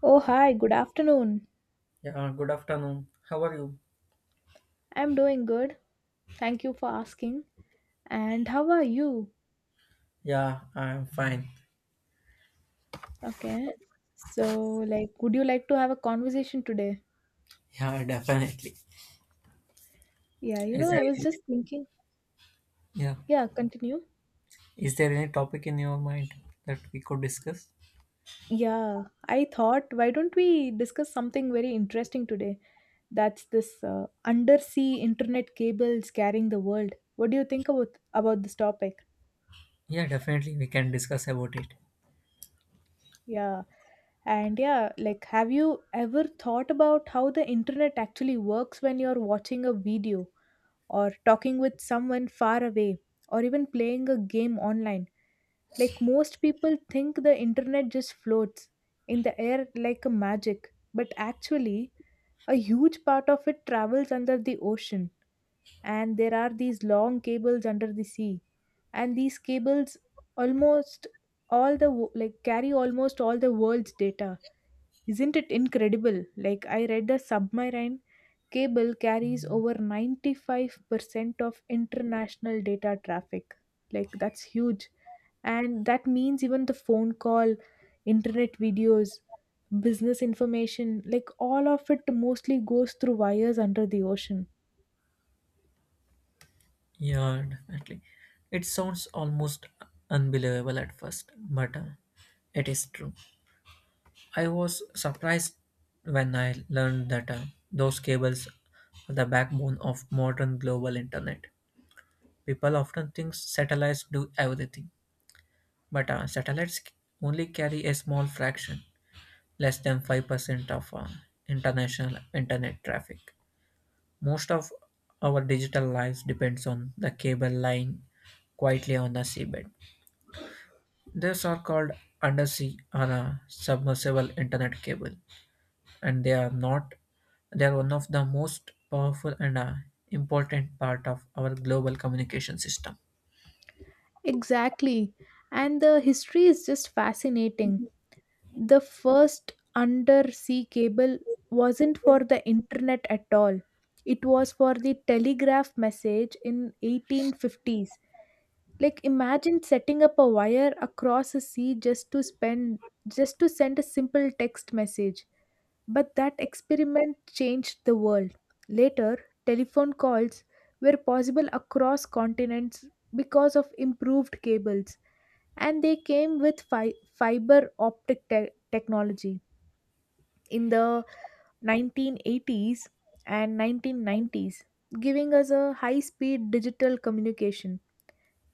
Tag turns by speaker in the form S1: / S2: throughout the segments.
S1: Oh, hi, good afternoon.
S2: Yeah, good afternoon. How are you?
S1: I'm doing good. Thank you for asking. And how are you?
S2: Yeah, I'm fine.
S1: Okay. So, like, would you like to have a conversation today?
S2: Yeah, definitely.
S1: Yeah, you
S2: Is
S1: know,
S2: there
S1: I was just thinking.
S2: yeah,
S1: Yeah, continue.
S2: is there any topic in your mind that we could discuss?
S1: Yeah, I thought, why don't we discuss something very interesting today? That's this undersea internet cables carrying the world. What do you think about this topic?
S2: Yeah, definitely we can discuss about it.
S1: Yeah. And yeah, like, have you ever thought about how the internet actually works when you're watching a video, or talking with someone far away, or even playing a game online? Like most people think the internet just floats in the air like a magic, but actually, a huge part of it travels under the ocean, and there are these long cables under the sea. And these cables almost like carry almost all the world's data. Isn't it incredible? Like, I read the submarine cable carries over 95% of international data traffic. Like, that's huge. And that means even the phone call, internet videos, business information, like, all of it mostly goes through wires under the ocean.
S2: Yeah, definitely. It sounds almost unbelievable at first, but it is true. I was surprised when I learned that those cables are the backbone of modern global internet. People often think satellites do everything. But only carry a small fraction, less than 5% of international internet traffic. Most of our digital lives depends on the cable lying quietly on the seabed. These are called undersea or submersible internet cable, and they are not. They are one of the most powerful and important part of our global communication system.
S1: Exactly. And the history is just fascinating. The first undersea cable wasn't for the internet at all. It was for the telegraph message in 1850s. Like imagine setting up a wire across a sea just to send a simple text message. But that experiment changed the world. Later, telephone calls were possible across continents because of improved cables, and they came with fiber optic technology in the 1980s and 1990s, giving us a high speed digital communication.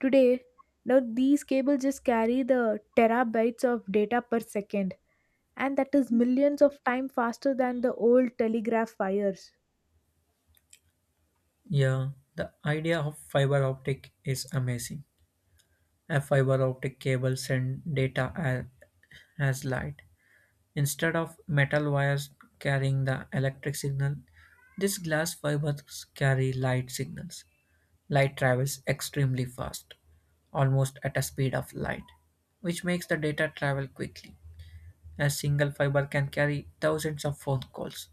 S1: Today, now these cables just carry the terabytes of data per second, and that is millions of times faster than the old telegraph wires.
S2: Yeah, the idea of fiber optic is amazing. A fiber optic cable sends as light. Instead of metal wires carrying the electric signal, these glass fibers carry light signals. Light travels extremely fast, almost at a speed of light, which makes the data travel quickly. A single fiber can carry thousands of phone calls,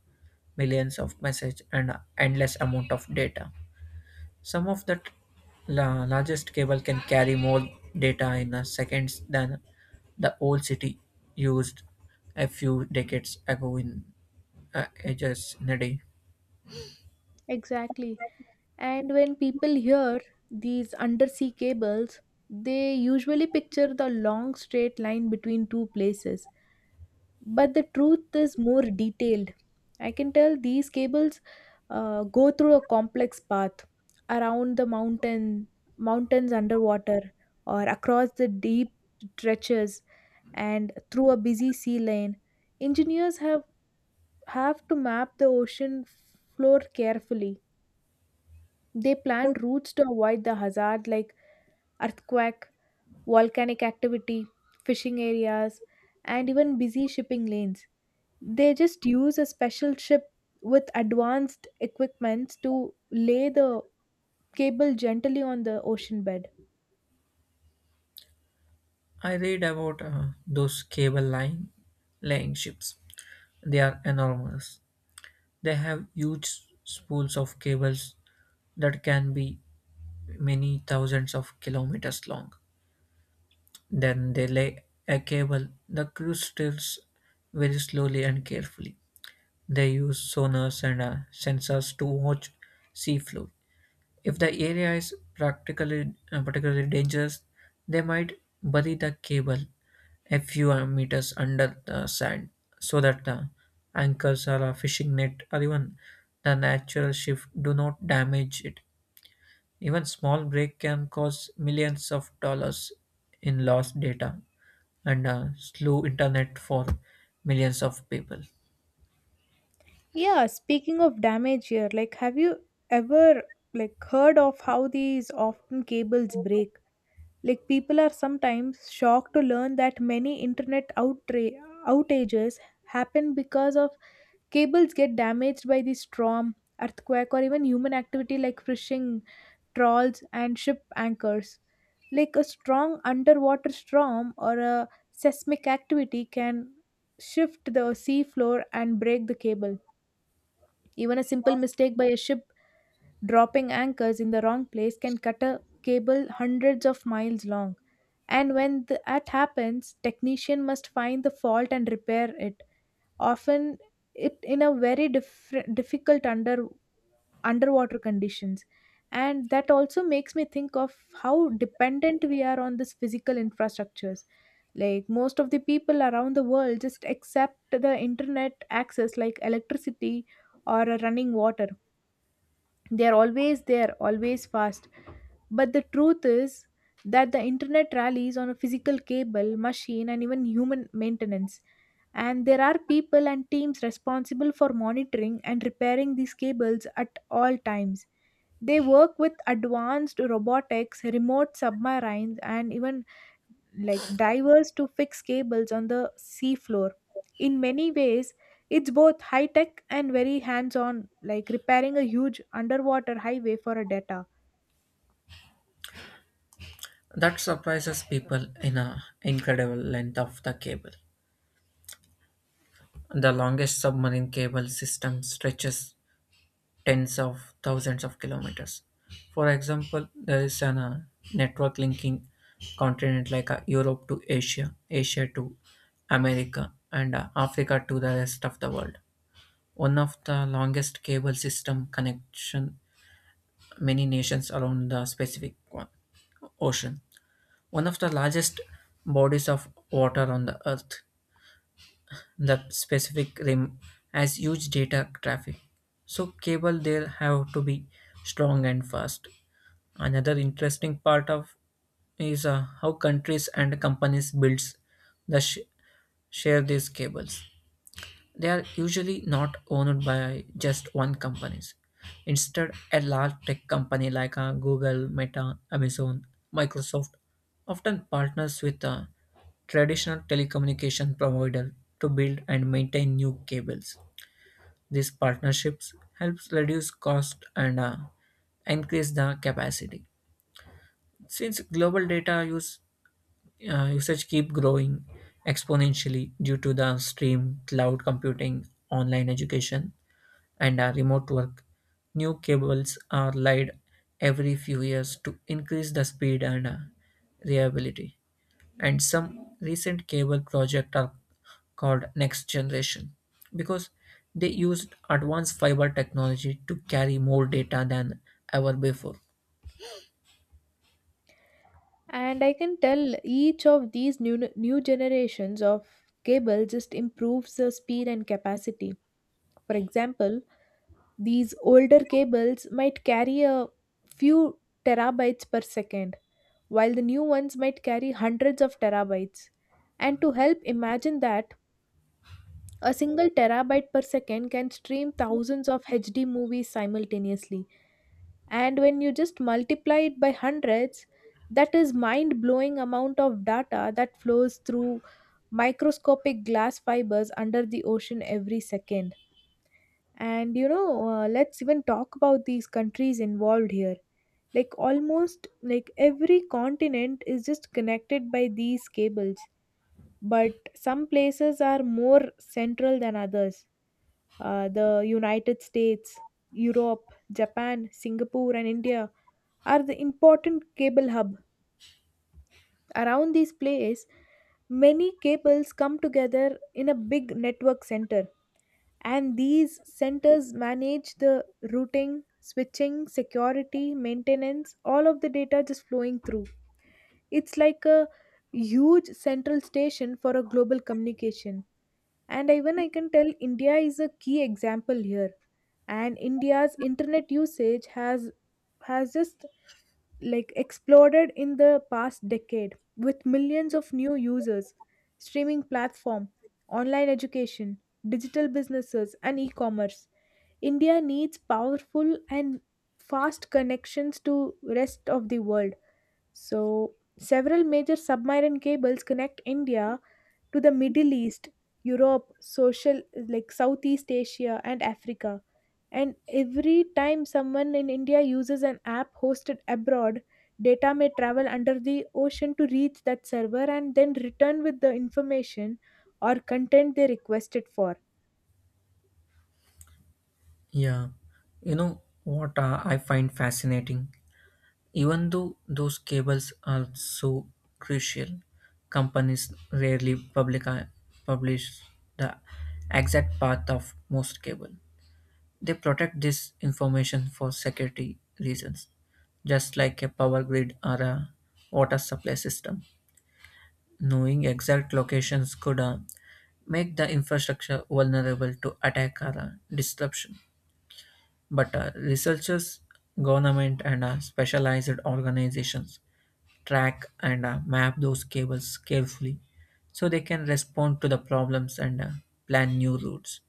S2: millions of messages, and an endless amount of data. Some of the largest cable can carry more data in a seconds than the old city used a few decades ago in ages in a day.
S1: Exactly. And when people hear these undersea cables, they usually picture the long straight line between two places, but the truth is more detailed. I can tell these cables go through a complex path around mountains underwater, or across the deep stretches, and through a busy sea lane. Engineers have to map the ocean floor carefully. They plan routes to avoid the hazard like earthquake, volcanic activity, fishing areas, and even busy shipping lanes. They just use a special ship with advanced equipments to lay the cable gently on the ocean bed.
S2: I read about those cable line laying ships. They are enormous. They have huge spools of cables that can be many thousands of kilometers long. Then they lay a cable. The crew steers very slowly and carefully. They use sonars and sensors to watch sea floor. If the area is practically particularly dangerous, they might bury the cable a few meters under the sand so that the anchors or a fishing net or even the natural shift do not damage it. Even small break can cause millions of dollars in lost data and slow internet for millions of people.
S1: Yeah, speaking of damage here, like have you ever like heard of how these often cables break? Like people are sometimes shocked to learn that many internet outages happen because of cables get damaged by the storm, earthquake, or even human activity like fishing trawls, and ship anchors. Like a strong underwater storm or a seismic activity can shift the sea floor and break the cable. Even a simple mistake by a ship dropping anchors in the wrong place can cut a cable hundreds of miles long. And when that happens, technician must find the fault and repair it. Often, it in a very difficult under underwater conditions. And that also makes me think of how dependent we are on this physical infrastructures. Like most of the people around the world just accept the internet access like electricity or a running water. They are always there, always fast, but the truth is that the internet rallies on a physical cable machine and even human maintenance. And there are people and teams responsible for monitoring and repairing these cables at all times. They work with advanced robotics, remote submarines, and even like divers to fix cables on the seafloor. In many ways, it's both high tech and very hands on, like repairing a huge underwater highway for a data.
S2: That surprises people in a incredible length of the cable. The longest submarine cable system stretches tens of thousands of kilometers. For example, there is an network linking continent like Europe to Asia, Asia to America, and Africa to the rest of the world. One of the longest cable system connection many nations around the Pacific Ocean, one of the largest bodies of water on the earth. The Pacific Rim has huge data traffic, so cable there have to be strong and fast. Another interesting part of is how countries and companies builds the sh- share these cables. They are usually not owned by just one companies. Instead, a large tech company like Google, Meta, Amazon, Microsoft often partners with a traditional telecommunication provider to build and maintain new cables. These partnerships helps reduce cost and increase the capacity. Since global data use usage keep growing exponentially due to the stream, cloud computing, online education, and remote work. New cables are laid every few years to increase the speed and reliability. And some recent cable projects are called next generation because they used advanced fiber technology to carry more data than ever before.
S1: And I can tell each of these new generations of cable just improves the speed and capacity. For example, these older cables might carry a few terabytes per second, while the new ones might carry hundreds of terabytes. And to help imagine that, a single terabyte per second can stream thousands of HD movies simultaneously. And when you just multiply it by hundreds, that is mind blowing amount of data that flows through microscopic glass fibers under the ocean every second. And you know let's even talk about these countries involved here. Like almost like every continent is just connected by these cables, but some places are more central than others. The United States, Europe, Japan, Singapore, and India are the important cable hub. Around these places many cables come together in a big network center, and these centers manage the routing, switching, security, maintenance, all of the data just flowing through. It's like a huge central station for a global communication. And even I can tell India is a key example here. And India's internet usage has just like exploded in the past decade with millions of new users, streaming platform, online education, digital businesses, and e-commerce. India needs powerful and fast connections to rest of the world. So several major submarine cables connect India to the Middle East, Europe, social like Southeast Asia and Africa. And every time someone in India uses an app hosted abroad, data may travel under the ocean to reach that server and then return with the information or content they requested for.
S2: Yeah, you know what I find fascinating? Even though those cables are so crucial, companies rarely publish the exact path of most cable. They protect this information for security reasons, just like a power grid or a water supply system. Knowing exact locations could make the infrastructure vulnerable to attack or disruption. But researchers, government, and specialized organizations track and map those cables carefully so they can respond to the problems and plan new routes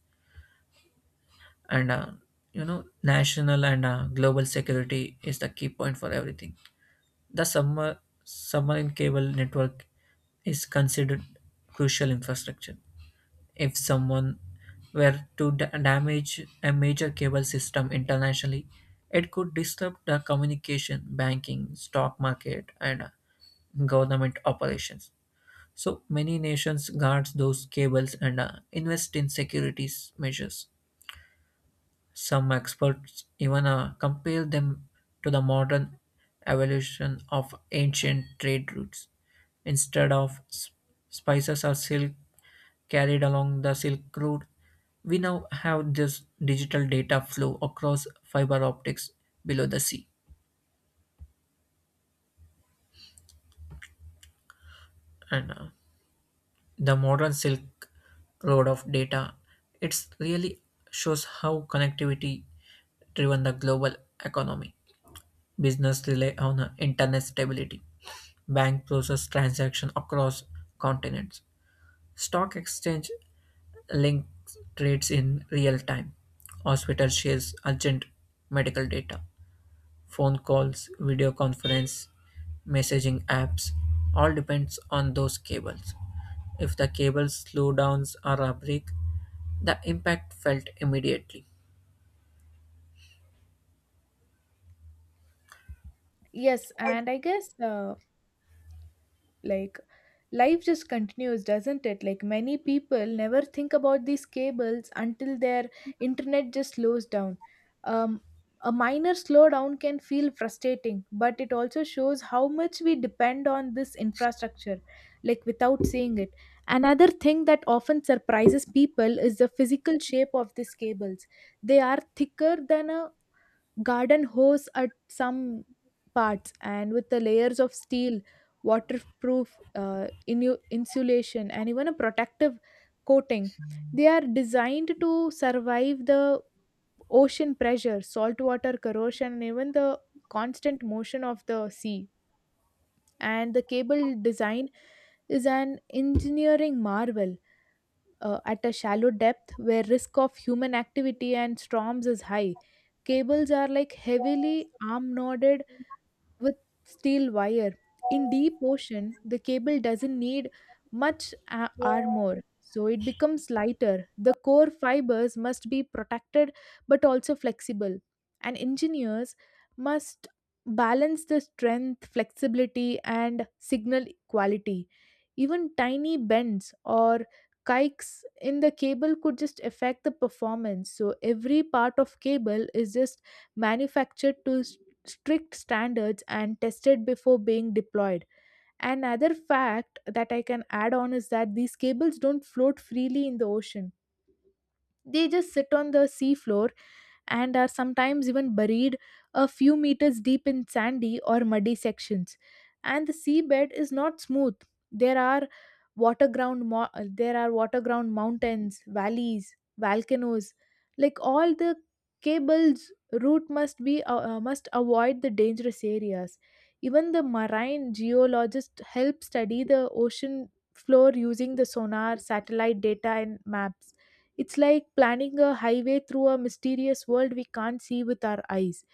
S2: and you know national and global security is the key point for everything. The submarine cable network is considered crucial infrastructure. If someone were to damage a major cable system internationally, it could disrupt the communication banking stock market and government operations. So many nations guard those cables and invest in security measures. Some experts even compare them to the modern evolution of ancient trade routes. Instead of spices or silk carried along the Silk Road, we now have this digital data flow across fiber optics below the sea. And the modern Silk Road of data, it really shows how connectivity driven the global economy. Business rely on internet stability. Bank process transaction across continents. Stock exchange links trades in real time. Hospital shares urgent medical data. Phone calls, video conference, messaging apps, all depends on those cables. If the cable slowdowns or a break, the impact felt immediately.
S1: Yes, and I guess like life just continues, doesn't it? Like many people never think about these cables until their internet just slows down. Um, a minor slowdown can feel frustrating, but it also shows how much we depend on this infrastructure, like without seeing it. Another thing that often surprises people is the physical shape of these cables. They are thicker than a garden hose at some parts, and with the layers of steel, waterproof insulation, and even a protective coating, they are designed to survive the ocean pressure, saltwater corrosion, and even the constant motion of the sea. And the cable design is an engineering marvel. At a shallow depth where risk of human activity and storms is high, cables are like heavily arm nodded with steel wire. In deep ocean, the cable doesn't need much armor, so it becomes lighter. The core fibers must be protected but also flexible, and engineers must balance the strength, flexibility, and signal quality. Even tiny bends or kikes in the cable could just affect the performance. So, every part of cable is just manufactured to strict standards and tested before being deployed. Another fact that I can add on is that these cables don't float freely in the ocean. They just sit on the seafloor and are sometimes even buried a few meters deep in sandy or muddy sections. And the seabed is not smooth. There are there are water ground mountains, valleys, volcanoes. Like all the cable's route must be must avoid the dangerous areas. Even the marine geologists help study the ocean floor using the sonar, satellite data, and maps. It's like planning a highway through a mysterious world we can't see with our eyes.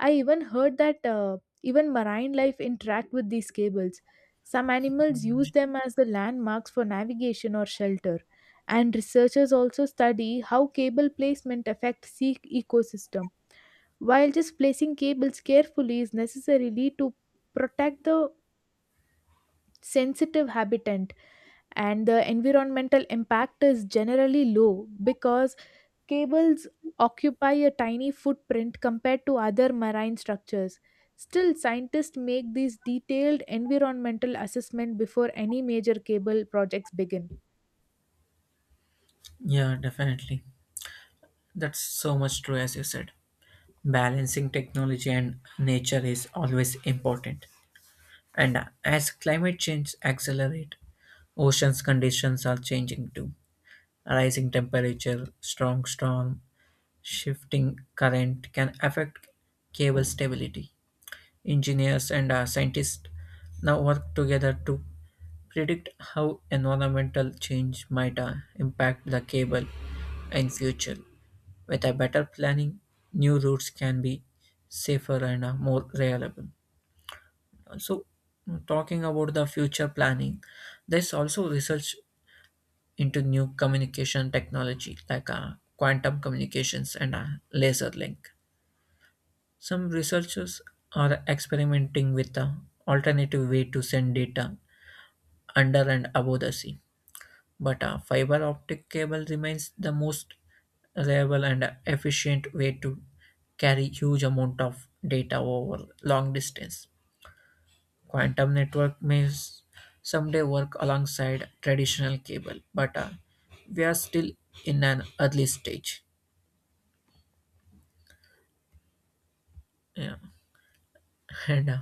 S1: I even heard that even marine life interact with these cables. Some animals use them as the landmarks for navigation or shelter. And researchers also study how cable placement affects sea ecosystem. While just placing cables carefully is necessarily to protect the sensitive habitat, and the environmental impact is generally low because cables occupy a tiny footprint compared to other marine structures. Still, scientists make these detailed environmental assessment before any major cable projects begin.
S2: Yeah, definitely. That's so much true as you said. Balancing technology and nature is always important. And as climate change accelerates, oceans conditions are changing too. Rising temperature, strong storm, shifting current can affect cable stability. Engineers and scientists now work together to predict how environmental change might impact the cable in future. With a better planning, new routes can be safer and more reliable. So, talking about the future planning, there's also research into new communication technology like quantum communications and laser link. Some researchers are experimenting with an alternative way to send data under and above the sea. But a fiber optic cable remains the most reliable and efficient way to carry huge amount of data over long distance. Quantum network may someday work alongside traditional cable, but we are still in an early stage. Yeah, and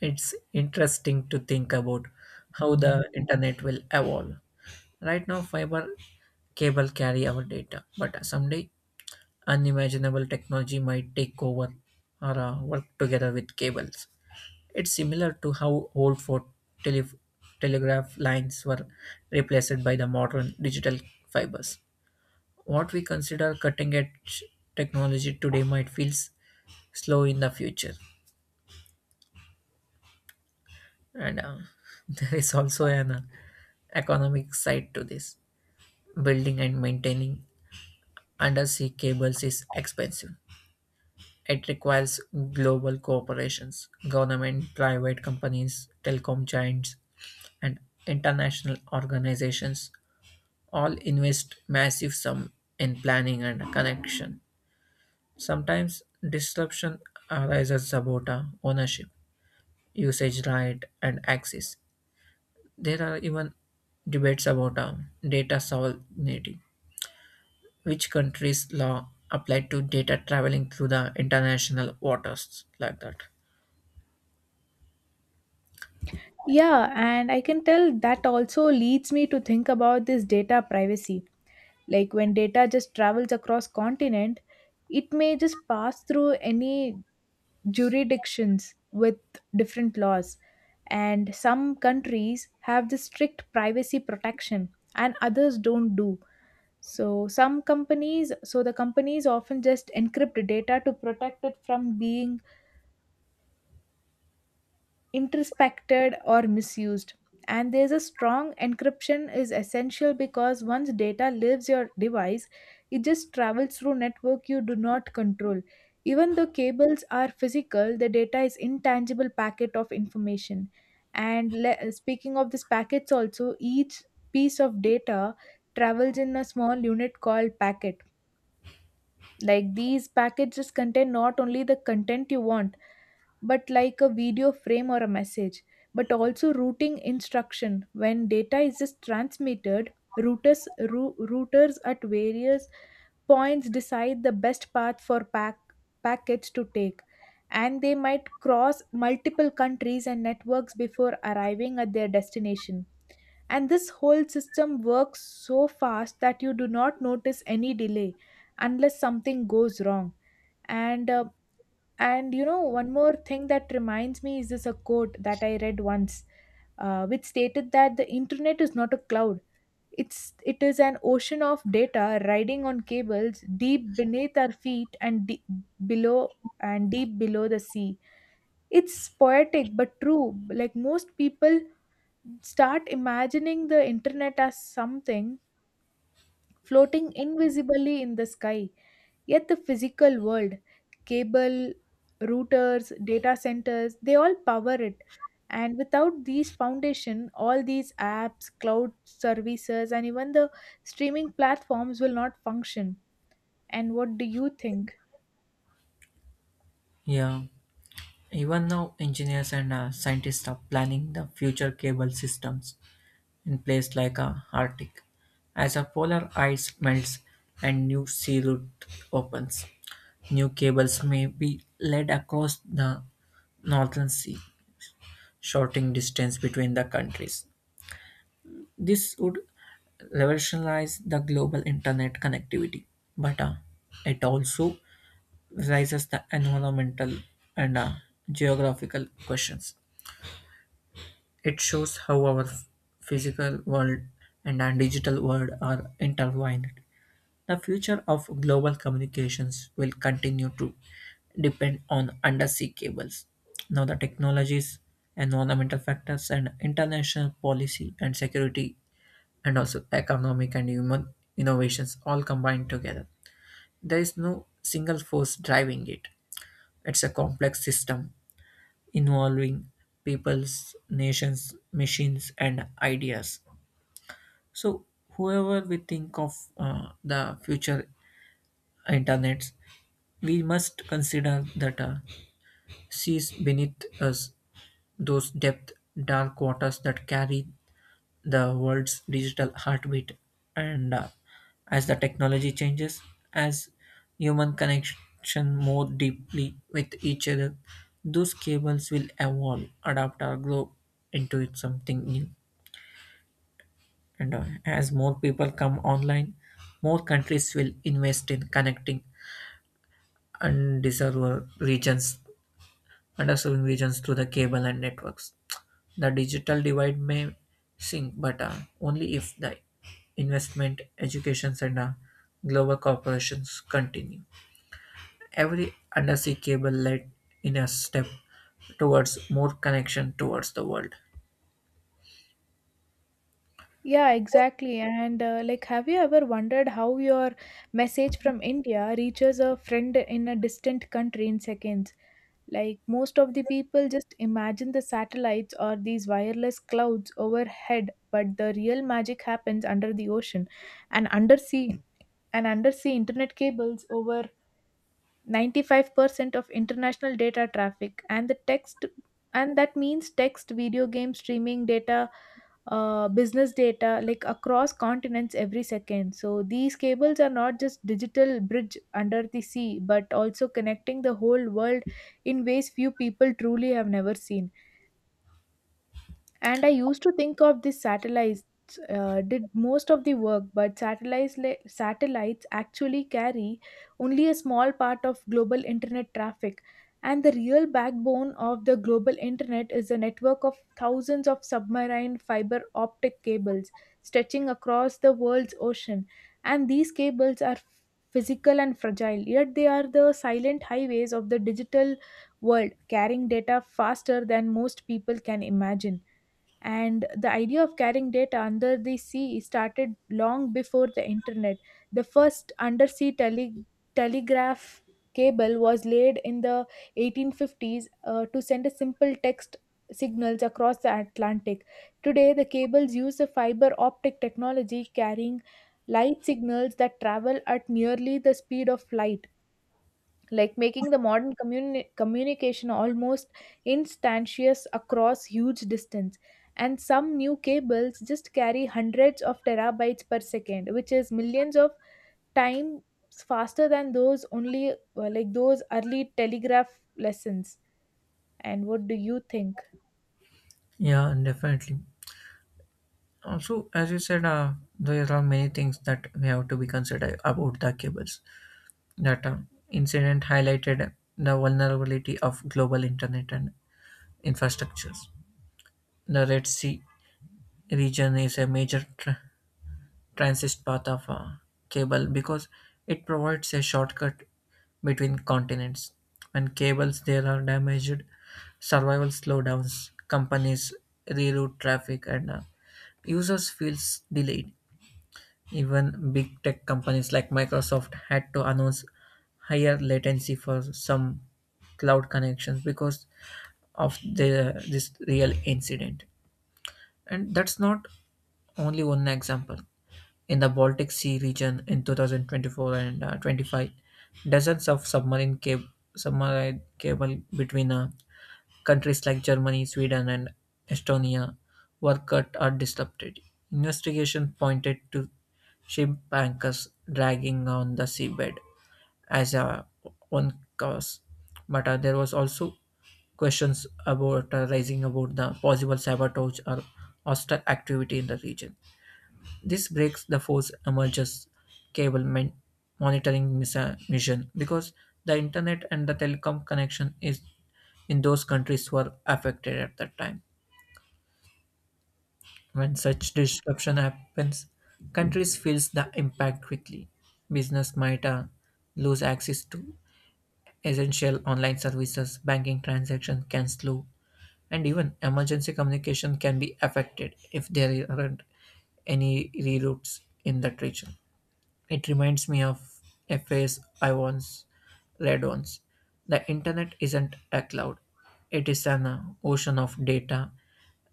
S2: it's interesting to think about how the internet will evolve. Right now, fiber cable carry our data, but someday unimaginable technology might take over or work together with cables. It's similar to how old tele- telegraph lines were replaced by the modern digital fibers. What we consider cutting edge technology today might feel slow in the future. And there is also an economic side to this. Building and maintaining undersea cables is expensive. It requires global corporations, government, private companies, telecom giants, and international organizations all invest massive sum in planning and connection. Sometimes disruption arises about ownership, usage right, and access. There are even debates about data sovereignty, which countries' law apply to data traveling through the international waters like that.
S1: Yeah, and I can tell that also leads me to think about this data privacy. Like when data just travels across continent, it may just pass through any jurisdictions with different laws, and some countries have the strict privacy protection and others don't do. So some companies so the companies often just encrypt data to protect it from being introspected or misused. And there's a strong encryption is essential because once data leaves your device, it just travels through network you do not control. Even though cables are physical, the data is intangible packet of information. And speaking of these packets also, each piece of data travels in a small unit called packet. Like these packets just contain not only the content you want, but like a video frame or a message, but also routing instruction. When data is just transmitted, routers at various points decide the best path for packets to take, and they might cross multiple countries and networks before arriving at their destination. And this whole system works so fast that you do not notice any delay unless something goes wrong. and uh, and you know, one more thing that reminds me is this a quote that I read once, which stated that the internet is not a cloud. It is an ocean of data riding on cables deep beneath our feet, and below deep below the sea. It's poetic but true. Like most people start imagining the internet as something floating invisibly in the sky. Yet the physical world, cable, routers, data centers, they all power it. And without these foundation, all these apps, cloud services, and even the streaming platforms will not function. And what do you think?
S2: Yeah, even now, engineers and scientists are planning the future cable systems in places like Arctic. As the polar ice melts and new sea route opens, new cables may be laid across the northern sea, shortening distance between the countries. This would revolutionize the global internet connectivity, but it also raises the environmental and geographical questions. It shows how our physical world and our digital world are intertwined. The future of global communications will continue to depend on undersea cables. Now, the technologies, environmental factors, and international policy and security, and also economic and human innovations all combined together. There is no single force driving it. It's a complex system involving peoples, nations, machines, and ideas. So, whoever we think of the future internets, we must consider that seas beneath us, those depth dark waters that carry the world's digital heartbeat. And as the technology changes, as human connection more deeply with each other, those cables will evolve, adapt, or grow into it something new. And as more people come online, more countries will invest in connecting undeserved regions, underserved regions through the cable and networks. The digital divide may sink, but only if the investment, education, and global corporations continue. Every undersea cable led in a step towards more connection towards the world.
S1: Yeah, exactly. And have you ever wondered how your message from India reaches a friend in a distant country in seconds? Like most of the people just imagine the satellites or these wireless clouds overhead, but the real magic happens under the ocean and undersea and undersea internet cables over 95% of international data traffic and that means text video game streaming data, business data like across continents every second. So these cables are not just digital bridge under the sea but also connecting the whole world in ways few people truly have never seen. And I used to think of these satellites did most of the work, but satellites actually carry only a small part of global internet traffic. And the real backbone of the global internet is a network of thousands of submarine fiber optic cables stretching across the world's ocean. And these cables are physical and fragile, yet they are the silent highways of the digital world, carrying data faster than most people can imagine. And the idea of carrying data under the sea started long before the internet. The first telegraph cable was laid in the 1850s to send a simple text signals across the Atlantic. Today, the cables use a fiber optic technology carrying light signals that travel at nearly the speed of light, like making the modern communication almost instantaneous across huge distance. And some new cables just carry hundreds of terabytes per second, which is millions of times faster than those only like those early telegraph lessons. And what do you think?
S2: Yeah, definitely. Also, as you said, there are many things that we have to be considered about the cables. That incident highlighted the vulnerability of global internet and infrastructures. The Red Sea region is a major transit path of cable because it provides a shortcut between continents. When cables there are damaged, survival slowdowns, companies reroute traffic, and users feels delayed. Even big tech companies like Microsoft had to announce higher latency for some cloud connections because of the this real incident. And that's not only one example. In the Baltic Sea region in 2024 and 25, dozens of submarine cable between countries like Germany, Sweden, and Estonia were cut or disrupted. Investigation pointed to ship anchors dragging on the seabed as a one cause, but there was also questions about rising about the possible sabotage or hostile activity in the region. This breaks the force emerges cable monitoring mission because the internet and the telecom connection is in those countries were affected at that time. When such disruption happens, countries feels the impact quickly. Business might lose access to essential online services, banking transactions can slow, and even emergency communication can be affected if there aren't any reroutes in that region. It reminds me of a phrase I once read once. The internet isn't a cloud. It is an ocean of data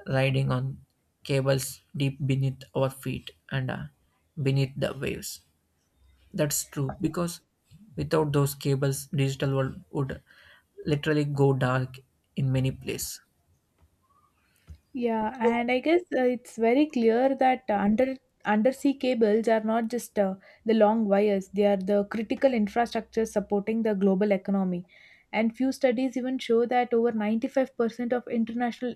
S2: riding on cables deep beneath our feet and beneath the waves. That's true because without those cables, digital world would literally go dark in many places.
S1: Yeah, and I guess it's very clear that undersea cables are not just the long wires; they are the critical infrastructure supporting the global economy. And few studies even show that over 95% of international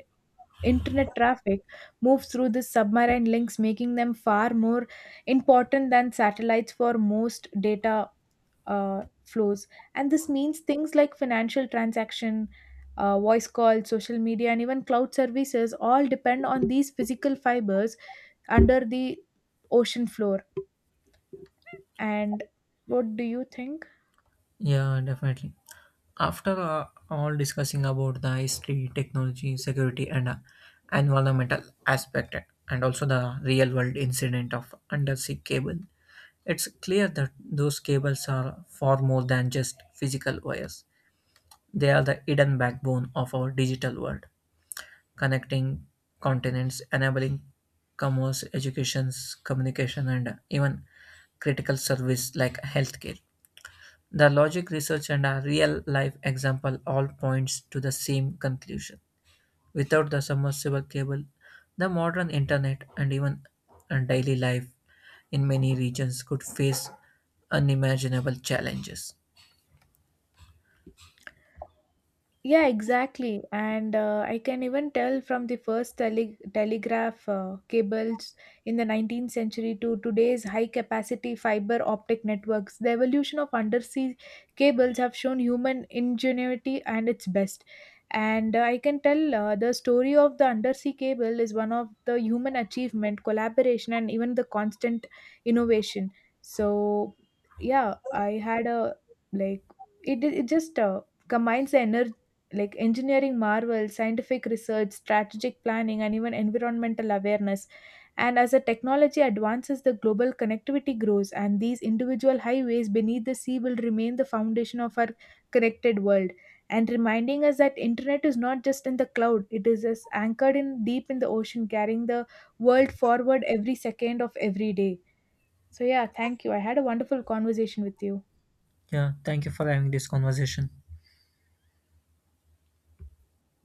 S1: internet traffic moves through the submarine links, making them far more important than satellites for most data flows. And this means things like financial transaction, voice call, social media, and even cloud services all depend on these physical fibers under the ocean floor. And what do you think?
S2: Yeah, definitely. After all discussing about the history, technology, security, and environmental aspect, and also the real world incident of undersea cable, it's clear that those cables are far more than just physical wires. They are the hidden backbone of our digital world, connecting continents, enabling commerce, education, communication, and even critical service like healthcare. The logic research and a real life example all points to the same conclusion. Without the submersible cable, the modern internet and even daily life in many regions could face unimaginable challenges.
S1: Yeah, exactly. And I can even tell from the first telegraph cables in the 19th century to today's high capacity fiber optic networks, the evolution of undersea cables have shown human ingenuity and its best. And I can tell the story of the undersea cable is one of the human achievement, collaboration, and even the constant innovation. So, yeah, I had a like it just combines the energy like engineering marvels, scientific research, strategic planning, and even environmental awareness. And as the technology advances, the global connectivity grows, and these individual highways beneath the sea will remain the foundation of our connected world. And reminding us that internet is not just in the cloud; it is as anchored in deep in the ocean, carrying the world forward every second of every day. So yeah, thank you. I had a wonderful conversation with you.
S2: Yeah, thank you for having this conversation.